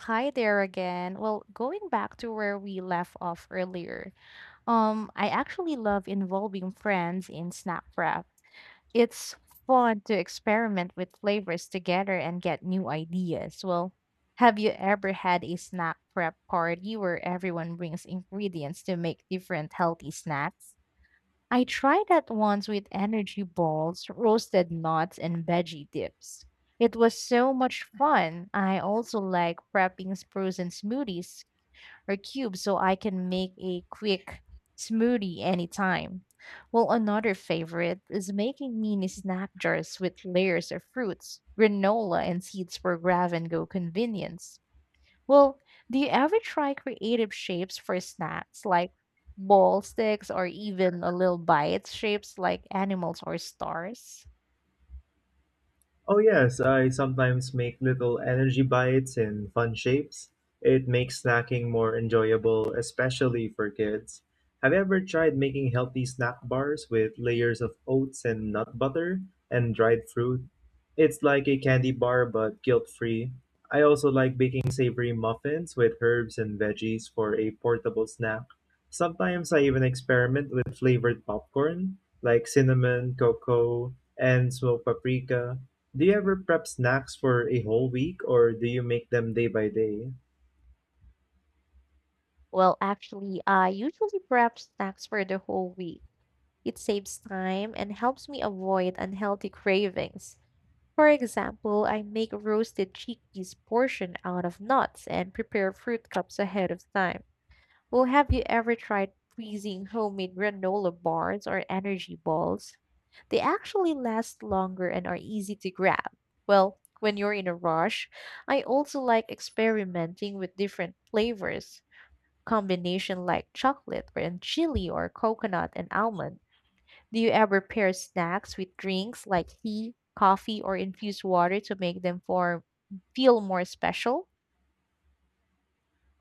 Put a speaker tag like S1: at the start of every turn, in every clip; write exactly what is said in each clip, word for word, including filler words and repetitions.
S1: Hi there again. Well, going back to where we left off earlier, um, I actually love involving friends in snack prep. It's fun to experiment with flavors together and get new ideas. Well, have you ever had a snack prep party where everyone brings ingredients to make different healthy snacks? I tried that once with energy balls, roasted nuts, and veggie dips. It was so much fun. I also like prepping sprues and smoothies or cubes so I can make a quick smoothie anytime. Well, another favorite is making mini snack jars with layers of fruits, granola, and seeds for grab and go convenience. Well, do you ever try creative shapes for snacks like ball sticks or even a little bites shapes like animals or stars?
S2: Oh, yes, I sometimes make little energy bites in fun shapes. It makes snacking more enjoyable, especially for kids. Have you ever tried making healthy snack bars with layers of oats and nut butter and dried fruit? It's like a candy bar but guilt free. I also like baking savory muffins with herbs and veggies for a portable snack. Sometimes I even experiment with flavored popcorn like cinnamon, cocoa, and smoked paprika. Do you ever prep snacks for a whole week or do you make them day by day?
S1: Well, actually, I usually prep snacks for the whole week. It saves time and helps me avoid unhealthy cravings. For example, I make roasted chickpeas portion out of nuts and prepare fruit cups ahead of time. Well, have you ever tried freezing homemade granola bars or energy balls? They actually last longer and are easy to grab. Well, when you're in a rush, I also like experimenting with different flavors, combination like chocolate and chili or coconut and almond. Do you ever pair snacks with drinks like tea, coffee, or infused water to make them form feel more special?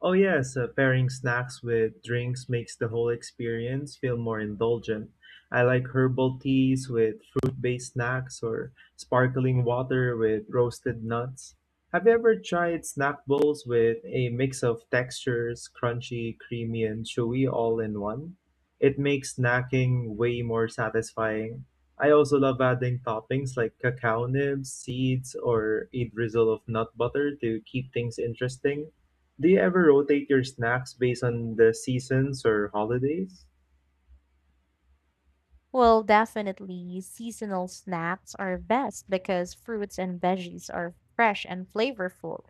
S2: Oh, yes, uh, pairing snacks with drinks makes the whole experience feel more indulgent. I like herbal teas with fruit based snacks or sparkling water with roasted nuts. Have you ever tried snack bowls with a mix of textures, crunchy, creamy, and chewy all in one? It makes snacking way more satisfying. I also love adding toppings like cacao nibs, seeds, or a drizzle of nut butter to keep things interesting. Do you ever rotate your snacks based on the seasons or holidays?
S1: Well, definitely seasonal snacks are best because fruits and veggies are fresh and flavorful.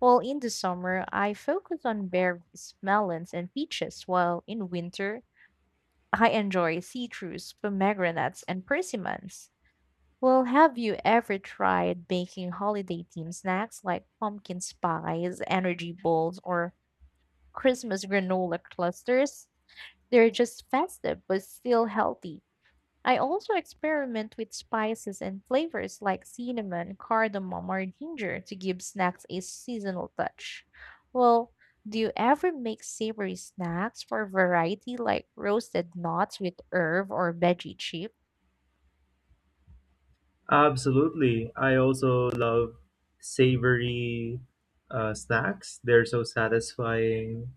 S1: Well, in the summer, I focus on berries, melons, and peaches, while in winter, I enjoy citrus, pomegranates, and persimmons. Well, have you ever tried baking holiday themed snacks like pumpkin spice, energy balls, or Christmas granola clusters? They're just festive but still healthy. I also experiment with spices and flavors like cinnamon, cardamom, or ginger to give snacks a seasonal touch. Well, do you ever make savory snacks for variety like roasted nuts with herb or veggie chip?
S2: Absolutely. I also love savory uh, snacks. They're so satisfying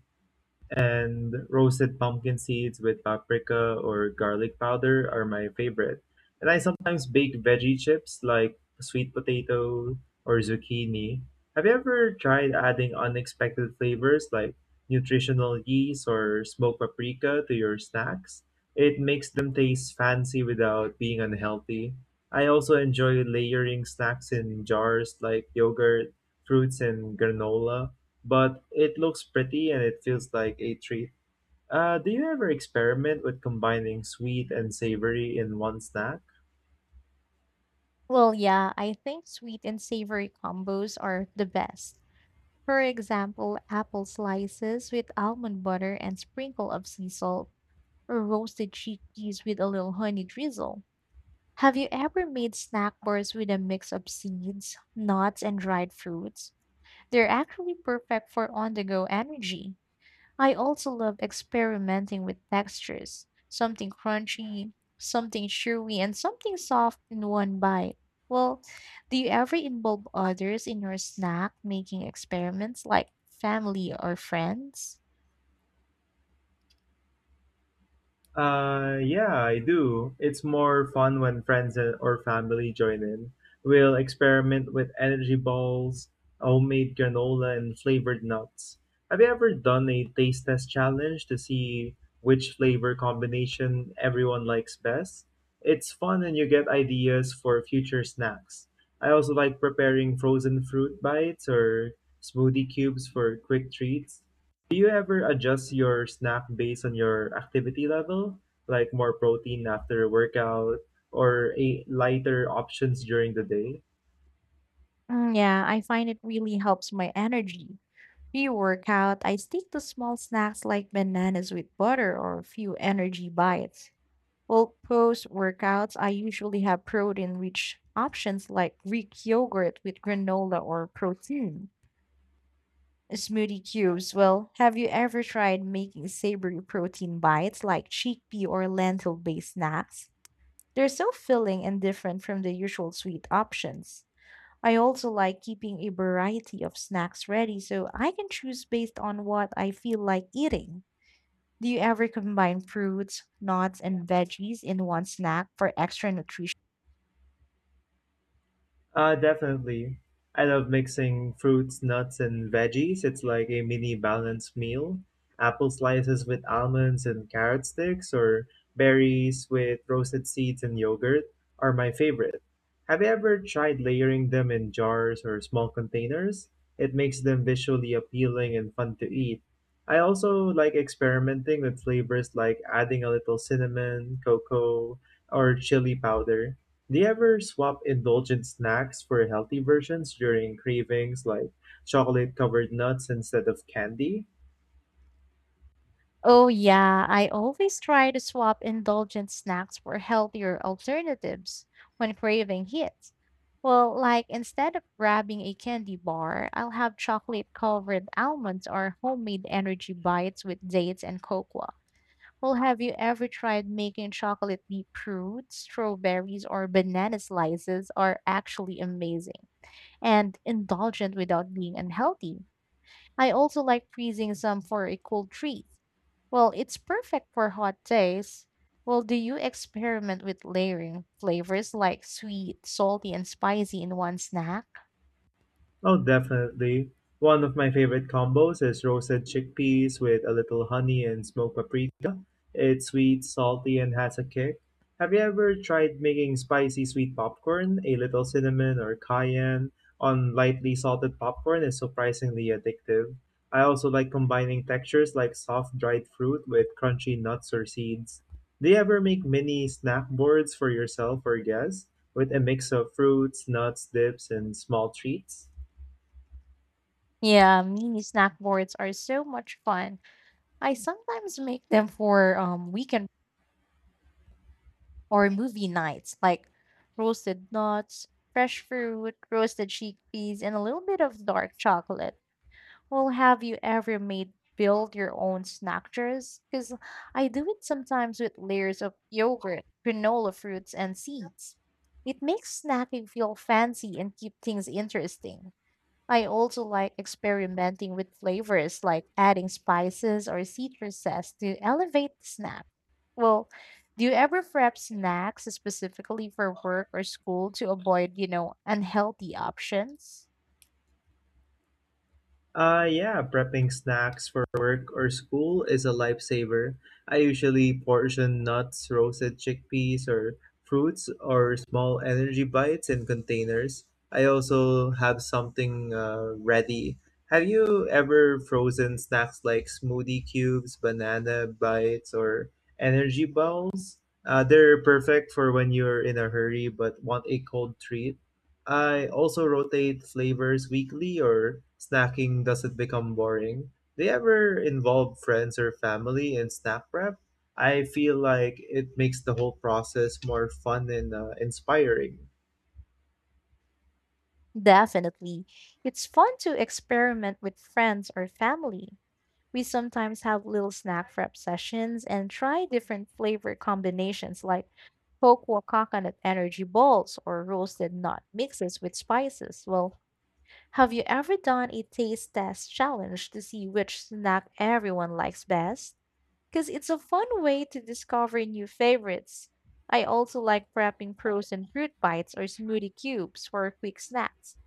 S2: and roasted pumpkin seeds with paprika or garlic powder are my favorite. And I sometimes bake veggie chips like sweet potato or zucchini. Have you ever tried adding unexpected flavors like nutritional yeast or smoked paprika to your snacks? It makes them taste fancy without being unhealthy. I also enjoy layering snacks in jars like yogurt, fruits, and granola but it looks pretty and it feels like a treat. Uh, do you ever experiment with combining sweet and savory in one snack?
S1: Well, yeah, I think sweet and savory combos are the best. For example, apple slices with almond butter and sprinkle of sea salt, or roasted chickpeas with a little honey drizzle. Have you ever made snack bars with a mix of seeds, nuts, and dried fruits? They're actually perfect for on the go energy. I also love experimenting with textures something crunchy, something chewy, and something soft in one bite. Well, do you ever involve others in your snack making experiments like family or friends?
S2: Uh, yeah, I do. It's more fun when friends and- or family join in. We'll experiment with energy balls, homemade granola, and flavored nuts. Have you ever done a taste test challenge to see which flavor combination everyone likes best? It's fun and you get ideas for future snacks. I also like preparing frozen fruit bites or smoothie cubes for quick treats. Do you ever adjust your snack based on your activity level, like more protein after a workout or a lighter options during the day?
S1: Mm, yeah, I find it really helps my energy. Pre-workout, I stick to small snacks like bananas with butter or a few energy bites. Well, post-workouts, I usually have protein-rich options like Greek yogurt with granola or protein. Smoothie cubes. Well, have you ever tried making savory protein bites like chickpea or lentil-based snacks? They're so filling and different from the usual sweet options. I also like keeping a variety of snacks ready so I can choose based on what I feel like eating. Do you ever combine fruits, nuts, and veggies in one snack for extra nutrition?
S2: Uh, definitely. I love mixing fruits, nuts, and veggies. It's like a mini balanced meal. Apple slices with almonds and carrot sticks, or berries with roasted seeds and yogurt, are my favorite. Have you ever tried layering them in jars or small containers? It makes them visually appealing and fun to eat. I also like experimenting with flavors like adding a little cinnamon, cocoa, or chili powder. Do you ever swap indulgent snacks for healthy versions during cravings like chocolate covered nuts instead of candy?
S1: Oh, yeah, I always try to swap indulgent snacks for healthier alternatives when craving hits. Well, like instead of grabbing a candy bar, I'll have chocolate covered almonds or homemade energy bites with dates and cocoa. Well, have you ever tried making chocolate deep fruit, strawberries, or banana slices are actually amazing and indulgent without being unhealthy. I also like freezing some for a cool treat. Well, it's perfect for hot days. Well, do you experiment with layering flavors like sweet, salty, and spicy in one snack?
S2: Oh, definitely. One of my favorite combos is roasted chickpeas with a little honey and smoked paprika. It's sweet, salty, and has a kick. Have you ever tried making spicy sweet popcorn? A little cinnamon or cayenne on lightly salted popcorn is surprisingly addictive. I also like combining textures like soft dried fruit with crunchy nuts or seeds. Do you ever make mini snack boards for yourself or guests with a mix of fruits, nuts, dips, and small treats?
S1: Yeah, mini snack boards are so much fun. I sometimes make them for um, weekend or movie nights like roasted nuts, fresh fruit, roasted chickpeas, and a little bit of dark chocolate. Well, have you ever made build your own snack jars? Because I do it sometimes with layers of yogurt, granola fruits, and seeds. It makes snacking feel fancy and keep things interesting. I also like experimenting with flavors like adding spices or citrus zest to elevate the snack. Well, do you ever prep snacks specifically for work or school to avoid, you know, unhealthy options?
S2: Uh, yeah, prepping snacks for work or school is a lifesaver. I usually portion nuts, roasted chickpeas, or fruits, or small energy bites in containers. I also have something uh, ready. Have you ever frozen snacks like smoothie cubes, banana bites, or energy balls? Uh, they're perfect for when you're in a hurry but want a cold treat. I also rotate flavors weekly or snacking doesn't become boring. Do you ever involve friends or family in snack prep? I feel like it makes the whole process more fun and uh, inspiring.
S1: Definitely. It's fun to experiment with friends or family. We sometimes have little snack prep sessions and try different flavor combinations like cocoa coconut energy balls or roasted nut mixes with spices. Well, have you ever done a taste test challenge to see which snack everyone likes best? Because it's a fun way to discover new favorites. I also like prepping frozen fruit bites or smoothie cubes for quick snacks.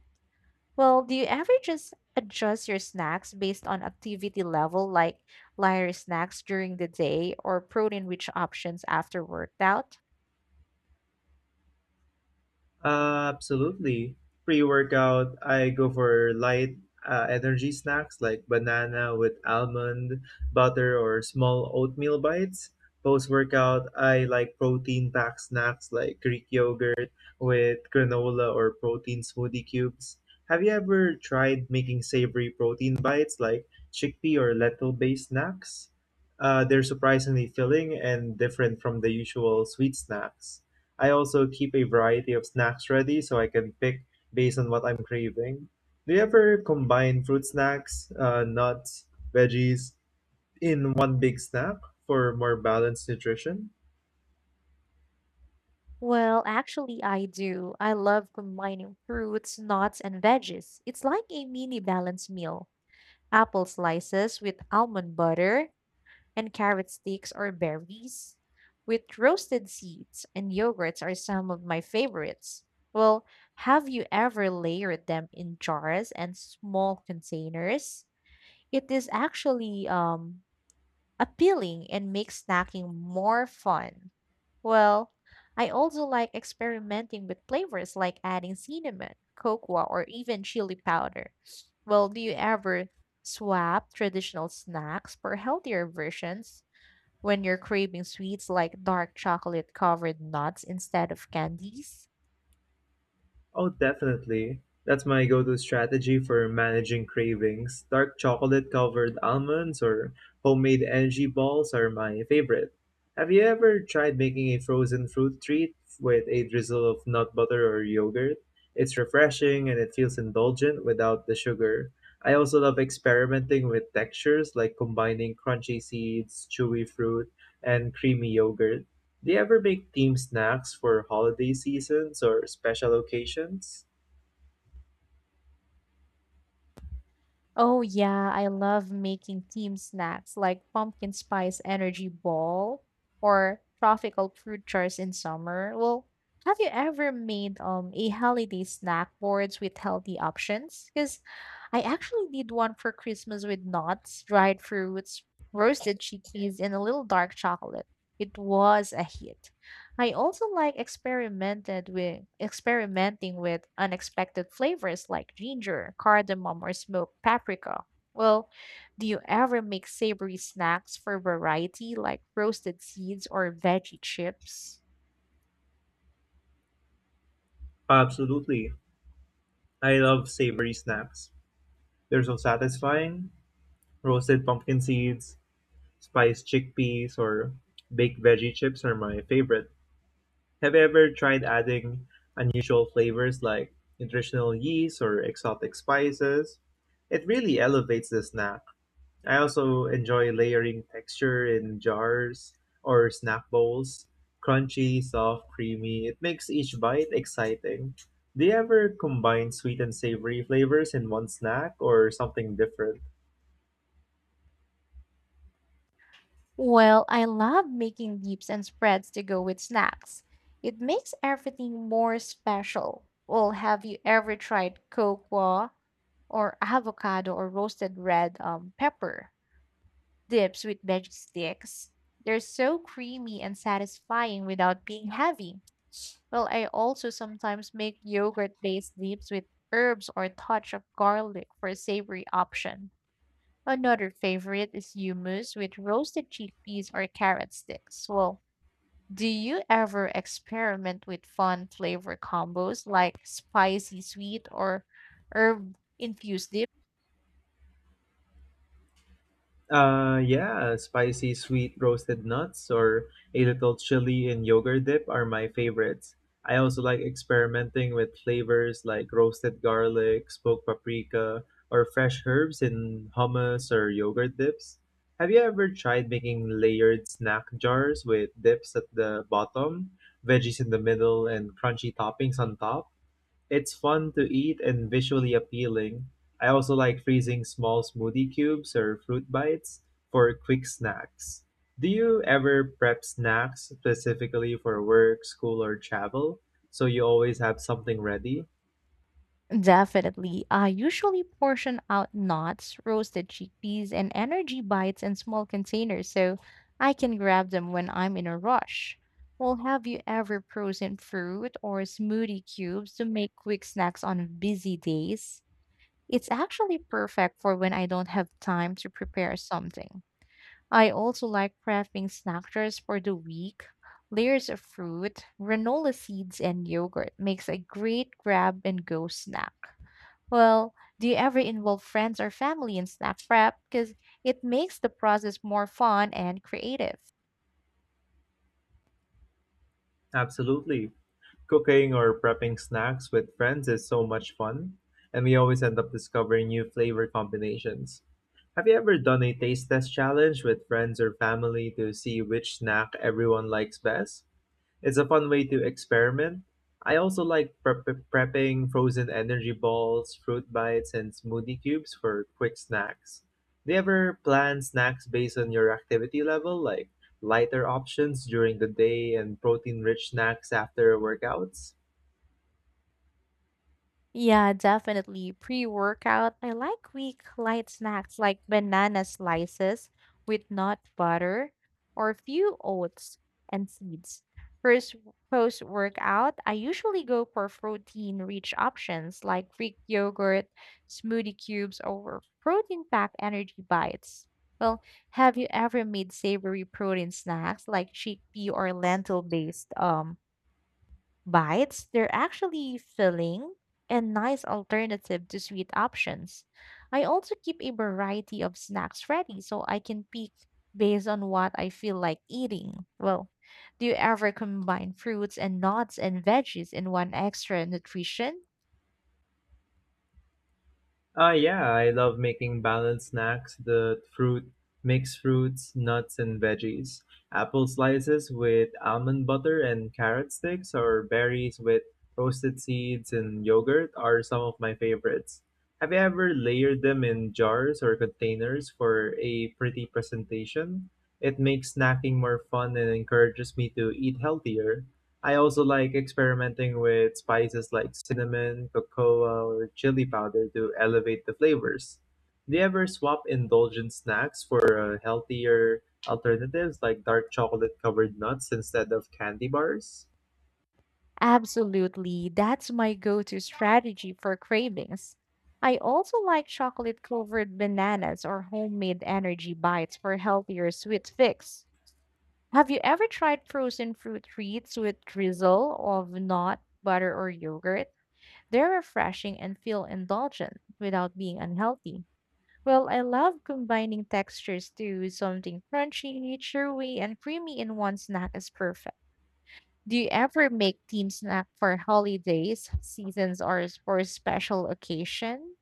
S1: Well, do you ever just adjust your snacks based on activity level, like lighter snacks during the day or protein rich options after workout?
S2: absolutely. Pre-workout, I go for light uh, energy snacks like banana with almond butter or small oatmeal bites. Post-workout, I like protein-packed snacks like Greek yogurt with granola or protein smoothie cubes. Have you ever tried making savory protein bites like chickpea or lentil-based snacks? Uh, they're surprisingly filling and different from the usual sweet snacks. I also keep a variety of snacks ready so I can pick based on what I'm craving. Do you ever combine fruit snacks, uh, nuts, veggies in one big snack for more balanced nutrition?
S1: Well, actually, I do. I love combining fruits, nuts, and veggies. It's like a mini balanced meal. Apple slices with almond butter and carrot sticks or berries with roasted seeds and yogurts are some of my favorites. Well, have you ever layered them in jars and small containers? It is actually um, appealing and makes snacking more fun. Well, I also like experimenting with flavors like adding cinnamon, cocoa, or even chili powder. Well, do you ever swap traditional snacks for healthier versions when you're craving sweets like dark chocolate covered nuts instead of candies?
S2: Oh, definitely. That's my go to strategy for managing cravings. Dark chocolate covered almonds or homemade energy balls are my favorite. Have you ever tried making a frozen fruit treat with a drizzle of nut butter or yogurt? It's refreshing and it feels indulgent without the sugar. I also love experimenting with textures like combining crunchy seeds, chewy fruit, and creamy yogurt. Do you ever make themed snacks for holiday seasons or special occasions?
S1: Oh yeah, I love making team snacks like pumpkin spice energy ball or tropical fruit jars in summer. Well, have you ever made um a holiday snack boards with healthy options? Because I actually did one for Christmas with nuts, dried fruits, roasted chickpeas, and a little dark chocolate. It was a hit. I also like experimented with experimenting with unexpected flavors like ginger, cardamom, or smoked paprika. Well, do you ever make savory snacks for variety like roasted seeds or veggie chips?
S2: Absolutely. I love savory snacks. They're so satisfying. Roasted pumpkin seeds, spiced chickpeas, or baked veggie chips are my favorite. Have you ever tried adding unusual flavors like nutritional yeast or exotic spices? It really elevates the snack. I also enjoy layering texture in jars or snack bowls. Crunchy, soft, creamy. It makes each bite exciting. Do you ever combine sweet and savory flavors in one snack or something different?
S1: Well, I love making dips and spreads to go with snacks. It makes everything more special. Well, have you ever tried cocoa or avocado or roasted red um, pepper? Dips with veggie sticks. They're so creamy and satisfying without being heavy. Well, I also sometimes make yogurt based dips with herbs or a touch of garlic for a savory option. Another favorite is hummus with roasted chickpeas or carrot sticks. Well, do you ever experiment with fun flavor combos like spicy sweet or herb infused dips?
S2: Uh, yeah, spicy sweet roasted nuts or a little chili and yogurt dip are my favorites. I also like experimenting with flavors like roasted garlic, smoked paprika, or fresh herbs in hummus or yogurt dips. Have you ever tried making layered snack jars with dips at the bottom, veggies in the middle, and crunchy toppings on top? It's fun to eat and visually appealing. I also like freezing small smoothie cubes or fruit bites for quick snacks. Do you ever prep snacks specifically for work, school, or travel so you always have something ready?
S1: Definitely. I usually portion out nuts, roasted chickpeas, and energy bites in small containers so I can grab them when I'm in a rush. Well, have you ever frozen fruit or smoothie cubes to make quick snacks on busy days? It's actually perfect for when I don't have time to prepare something. I also like prepping snack jars for the week. Layers of fruit, granola seeds, and yogurt makes a great grab and go snack. Well, do you ever involve friends or family in snack prep? Because it makes the process more fun and creative.
S2: Absolutely. Cooking or prepping snacks with friends is so much fun, and we always end up discovering new flavor combinations. Have you ever done a taste test challenge with friends or family to see which snack everyone likes best? It's a fun way to experiment. I also like prep prepping frozen energy balls, fruit bites, and smoothie cubes for quick snacks. Do you ever plan snacks based on your activity level, like lighter options during the day and protein rich snacks after workouts?
S1: Yeah, definitely. Pre-workout, I like weak light snacks like banana slices with nut butter or few oats and seeds. First post-workout, I usually go for protein-rich options like Greek yogurt, smoothie cubes, or protein-packed energy bites. Well, have you ever made savory protein snacks like chickpea or lentil-based um bites, they're actually filling and nice alternative to sweet options. I also keep a variety of snacks ready so I can pick based on what I feel like eating. Well, do you ever combine fruits and nuts and veggies in one extra nutrition?
S2: Ah, yeah, I love making balanced snacks, the fruit, mixed fruits, nuts and veggies. Apple slices with almond butter and carrot sticks or berries with roasted seeds and yogurt are some of my favorites. Have you ever layered them in jars or containers for a pretty presentation? It makes snacking more fun and encourages me to eat healthier. I also like experimenting with spices like cinnamon, cocoa, or chili powder to elevate the flavors. Do you ever swap indulgent snacks for uh, healthier alternatives like dark chocolate covered nuts instead of candy bars?
S1: Absolutely. That's my go to strategy for cravings. I also like chocolate covered bananas or homemade energy bites for healthier sweet fix. Have you ever tried frozen fruit treats with drizzle of nut, butter, or yogurt? They're refreshing and feel indulgent without being unhealthy. Well, I love combining textures to something crunchy, chewy, and creamy in one snack is perfect. Do you ever make team snack for holidays, seasons, or s- for special occasion?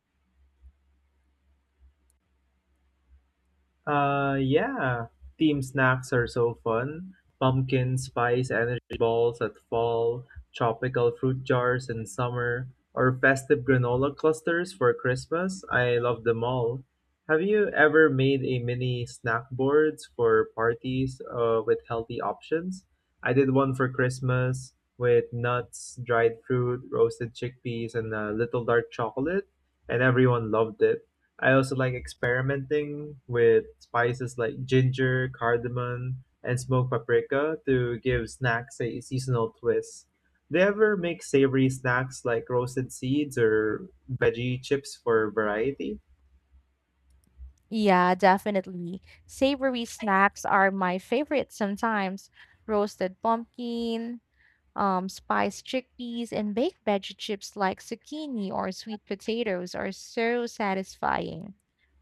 S2: Uh, yeah, team snacks are so fun. Pumpkin spice energy balls at fall, tropical fruit jars in summer, or festive granola clusters for Christmas. I love them all. Have you ever made a mini snack boards for parties uh, with healthy options? I did one for Christmas with nuts, dried fruit, roasted chickpeas, and a little dark chocolate, and everyone loved it. I also like experimenting with spices like ginger, cardamom, and smoked paprika to give snacks a seasonal twist. Do you ever make savory snacks like roasted seeds or veggie chips for variety?
S1: Yeah, definitely. Savory snacks are my favorite sometimes. Roasted pumpkin, Um, spiced chickpeas and baked veggie chips like zucchini or sweet potatoes are so satisfying.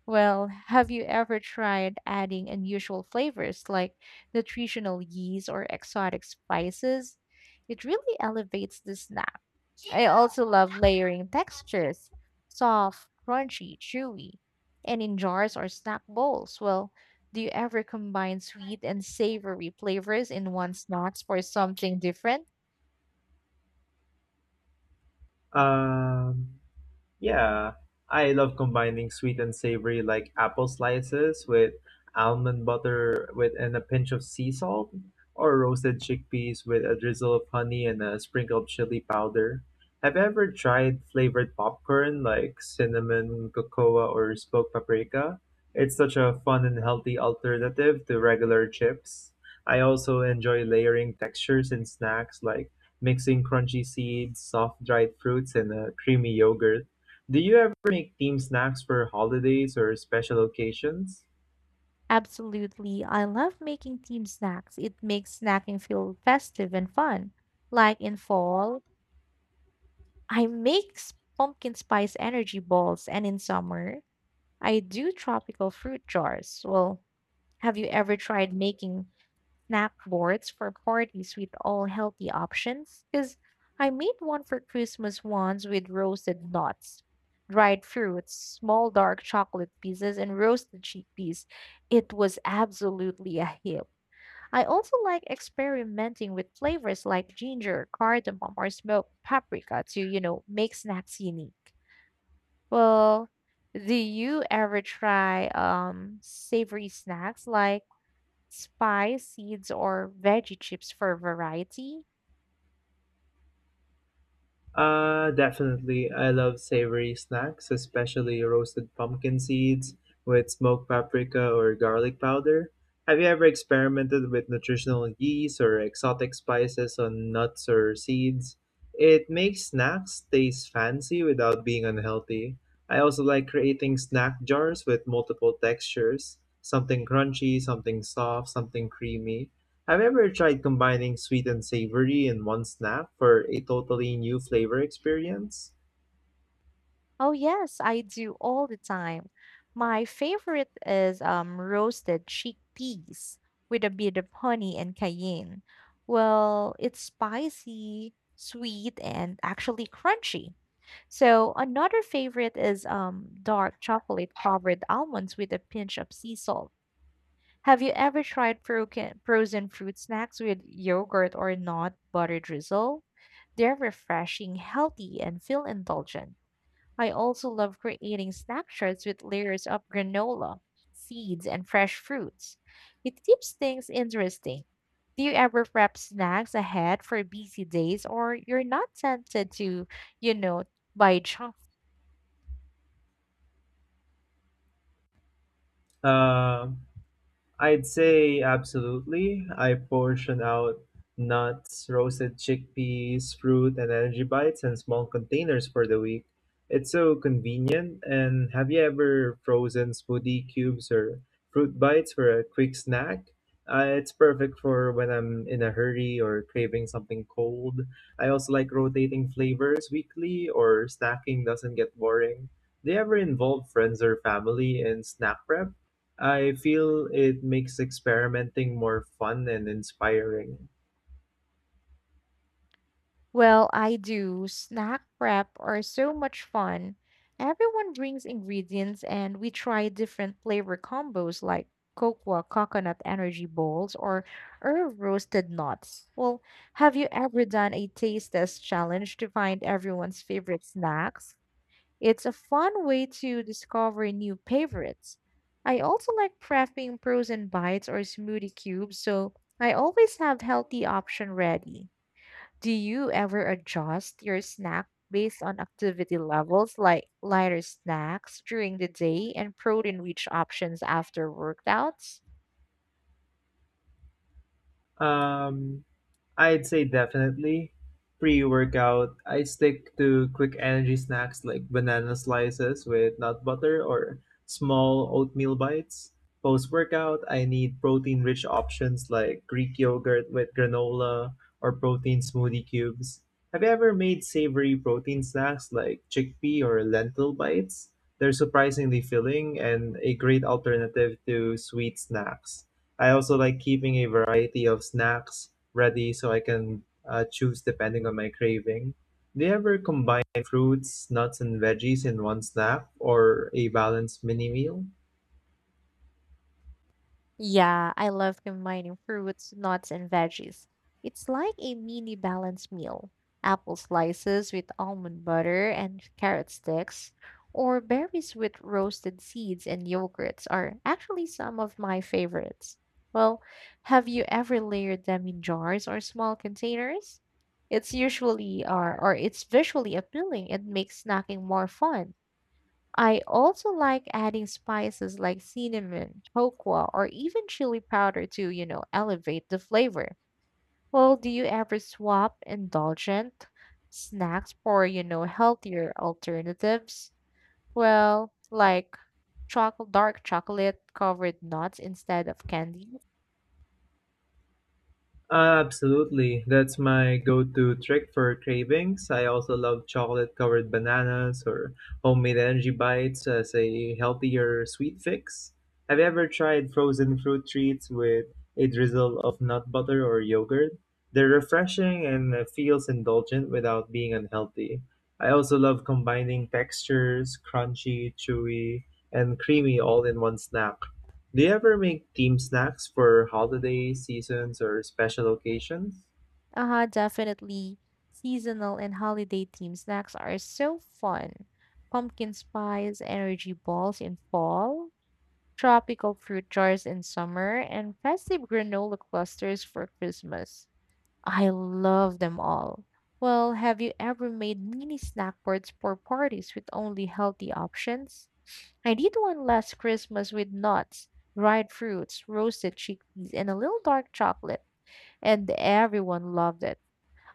S1: Well, have you ever tried adding unusual flavors like nutritional yeast or exotic spices? It really elevates the snack. I also love layering textures soft, crunchy, chewy, and in jars or snack bowls. Well, do you ever combine sweet and savory flavors in one snack for something different?
S2: Um, Yeah, I love combining sweet and savory like apple slices with almond butter with and a pinch of sea salt or roasted chickpeas with a drizzle of honey and a sprinkle of chili powder. Have you ever tried flavored popcorn like cinnamon, cocoa, or smoked paprika? It's such a fun and healthy alternative to regular chips. I also enjoy layering textures in snacks like mixing crunchy seeds, soft dried fruits, and a creamy yogurt. Do you ever make themed snacks for holidays or special occasions?
S1: Absolutely. I love making team snacks. It makes snacking feel festive and fun. Like in fall, I make s- pumpkin spice energy balls, and in summer, I do tropical fruit jars. Well, have you ever tried making snack boards for parties with all healthy options? Because I made one for Christmas once with roasted nuts, dried fruits, small dark chocolate pieces, and roasted chickpeas. It was absolutely a hit. I also like experimenting with flavors like ginger, cardamom, or smoked paprika to, you know, make snacks unique. Well, do you ever try um savory snacks like spice seeds or veggie chips for variety?
S2: Uh, definitely. I love savory snacks, especially roasted pumpkin seeds with smoked paprika or garlic powder. Have you ever experimented with nutritional yeast or exotic spices on nuts or seeds? It makes snacks taste fancy without being unhealthy. I also like creating snack jars with multiple textures, something crunchy, something soft, something creamy. Have you ever tried combining sweet and savory in one snap for a totally new flavor experience?
S1: Oh, yes, I do all the time. My favorite is um, roasted chickpeas with a bit of honey and cayenne. Well, it's spicy, sweet, and actually crunchy. So, another favorite is um, dark chocolate covered almonds with a pinch of sea salt. Have you ever tried frozen frozen fruit snacks with yogurt or nut butter drizzle? They're refreshing, healthy, and feel indulgent. I also love creating snapshots with layers of granola, seeds, and fresh fruits. It keeps things interesting. Do you ever prep snacks ahead for busy days or you're not tempted to, you know, buy junk?
S2: Uh, I'd say absolutely. I portion out nuts, roasted chickpeas, fruit, and energy bites in small containers for the week. It's so convenient. And have you ever frozen smoothie cubes or fruit bites for a quick snack? Uh, it's perfect for when I'm in a hurry or craving something cold. I also like rotating flavors weekly, or snacking doesn't get boring. Do you ever involve friends or family in snack prep? I feel it makes experimenting more fun and inspiring.
S1: Well, I do. Snack prep are so much fun. Everyone brings ingredients and we try different flavor combos like cocoa coconut energy balls or herb roasted nuts. Well, have you ever done a taste test challenge to find everyone's favorite snacks? It's a fun way to discover new favorites. I also like prepping frozen bites or smoothie cubes, so I always have healthy option ready. Do you ever adjust your snack based on activity levels, like lighter snacks during the day and protein rich options after workouts?
S2: Um, I'd say definitely. Pre workout, I stick to quick energy snacks like banana slices with nut butter or small oatmeal bites. Post workout, I need protein rich options like Greek yogurt with granola or protein smoothie cubes. Have you ever made savory protein snacks like chickpea or lentil bites? They're surprisingly filling and a great alternative to sweet snacks. I also like keeping a variety of snacks ready so I can uh, choose depending on my craving. Do you ever combine fruits, nuts, and veggies in one snack or a balanced mini meal?
S1: Yeah, I love combining fruits, nuts, and veggies. It's like a mini balanced meal. Apple slices with almond butter and carrot sticks, or berries with roasted seeds and yogurts are actually some of my favorites. Well, have you ever layered them in jars or small containers? It's usually or, or it's visually appealing and makes snacking more fun. I also like adding spices like cinnamon, hoqua, or even chili powder to, you know, elevate the flavor. Well, do you ever swap indulgent snacks for, you know, healthier alternatives? Well, like chocolate, dark chocolate covered nuts instead of candy.
S2: Absolutely. That's my go-to trick for cravings. I also love chocolate-covered bananas or homemade energy bites as a healthier sweet fix. Have you ever tried frozen fruit treats with a drizzle of nut butter or yogurt? They're refreshing and uh, feels indulgent without being unhealthy. I also love combining textures, crunchy, chewy, and creamy all in one snap. Do you ever make team snacks for holiday seasons or special occasions?
S1: Uh-huh, definitely. Seasonal and holiday themed snacks are so fun. Pumpkin spice, energy balls in fall, tropical fruit jars in summer, and festive granola clusters for Christmas. I love them all. Well, have you ever made mini snack boards for parties with only healthy options? I did one last Christmas with nuts, dried fruits, roasted chickpeas, and a little dark chocolate, and everyone loved it.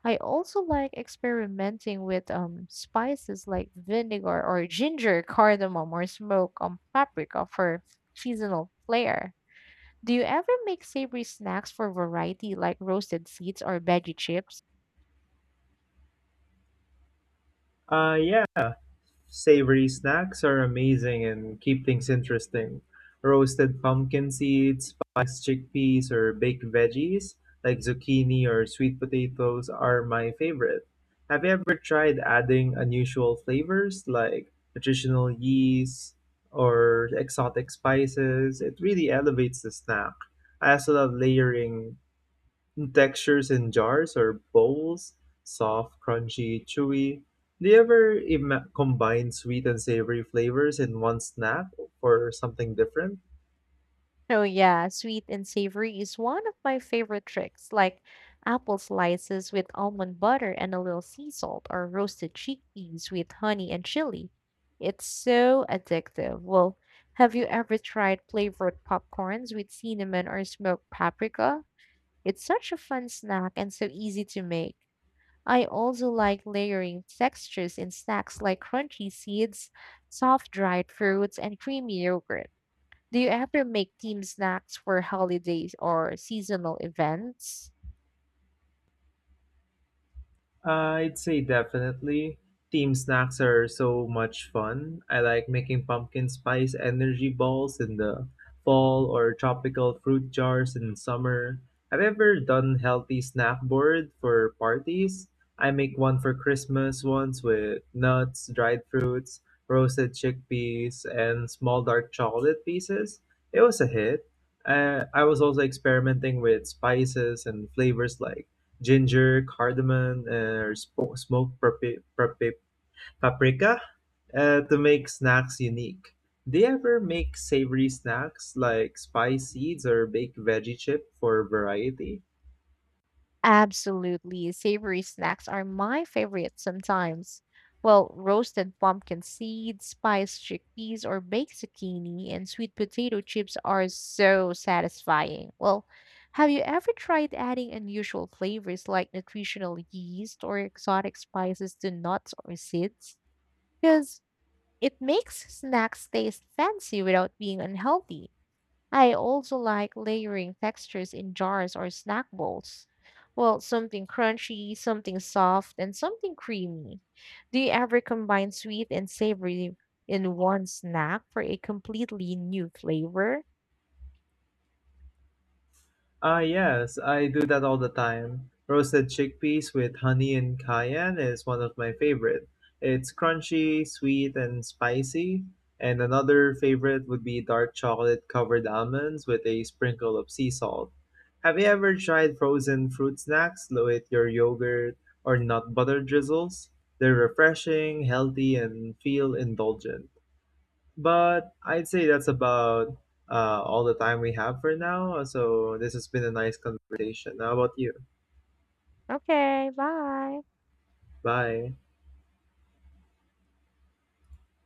S1: I also like experimenting with um, spices like vinegar or ginger, cardamom, or smoked um, paprika for seasonal flair. Do you ever make savory snacks for variety like roasted seeds or veggie chips?
S2: Uh, yeah, savory snacks are amazing and keep things interesting. Roasted pumpkin seeds, spiced chickpeas, or baked veggies like zucchini or sweet potatoes are my favorite. Have you ever tried adding unusual flavors like nutritional yeast or exotic spices? It really elevates the snack. I also love layering textures in jars or bowls, soft, crunchy, chewy. Do you ever ima- combine sweet and savory flavors in one snack for something different?
S1: Oh yeah, sweet and savory is one of my favorite tricks, like apple slices with almond butter and a little sea salt or roasted chickpeas with honey and chili. It's so addictive. Well, have you ever tried flavored popcorns with cinnamon or smoked paprika? It's such a fun snack and so easy to make. I also like layering textures in snacks like crunchy seeds, soft dried fruits, and creamy yogurt. Do you ever make team snacks for holidays or seasonal events?
S2: I'd say definitely. Team snacks are so much fun. I like making pumpkin spice energy balls in the fall or tropical fruit jars in summer. Have you ever done healthy snack board for parties? I make one for Christmas once with nuts, dried fruits, roasted chickpeas, and small dark chocolate pieces. It was a hit. Uh, I was also experimenting with spices and flavors like ginger, cardamom, or sp- smoked papi- papi- paprika uh, to make snacks unique. Do you ever make savory snacks like spice seeds or baked veggie chip for variety?
S1: Absolutely. Savory snacks are my favorite sometimes. Well, roasted pumpkin seeds, spiced chickpeas, or baked zucchini and sweet potato chips are so satisfying. Well, have you ever tried adding unusual flavors like nutritional yeast or exotic spices to nuts or seeds? Because it makes snacks taste fancy without being unhealthy. I also like layering textures in jars or snack bowls. Well, something crunchy, something soft, and something creamy. Do you ever combine sweet and savory in one snack for a completely new flavor?
S2: Ah, yes, I do that all the time. Roasted chickpeas with honey and cayenne is one of my favorite. It's crunchy, sweet, and spicy. And another favorite would be dark chocolate covered almonds with a sprinkle of sea salt. Have you ever tried frozen fruit snacks with your yogurt or nut butter drizzles? They're refreshing, healthy, and feel indulgent. But I'd say that's about uh, all the time we have for now. So this has been a nice conversation. How about you?
S1: Okay, bye.
S2: Bye.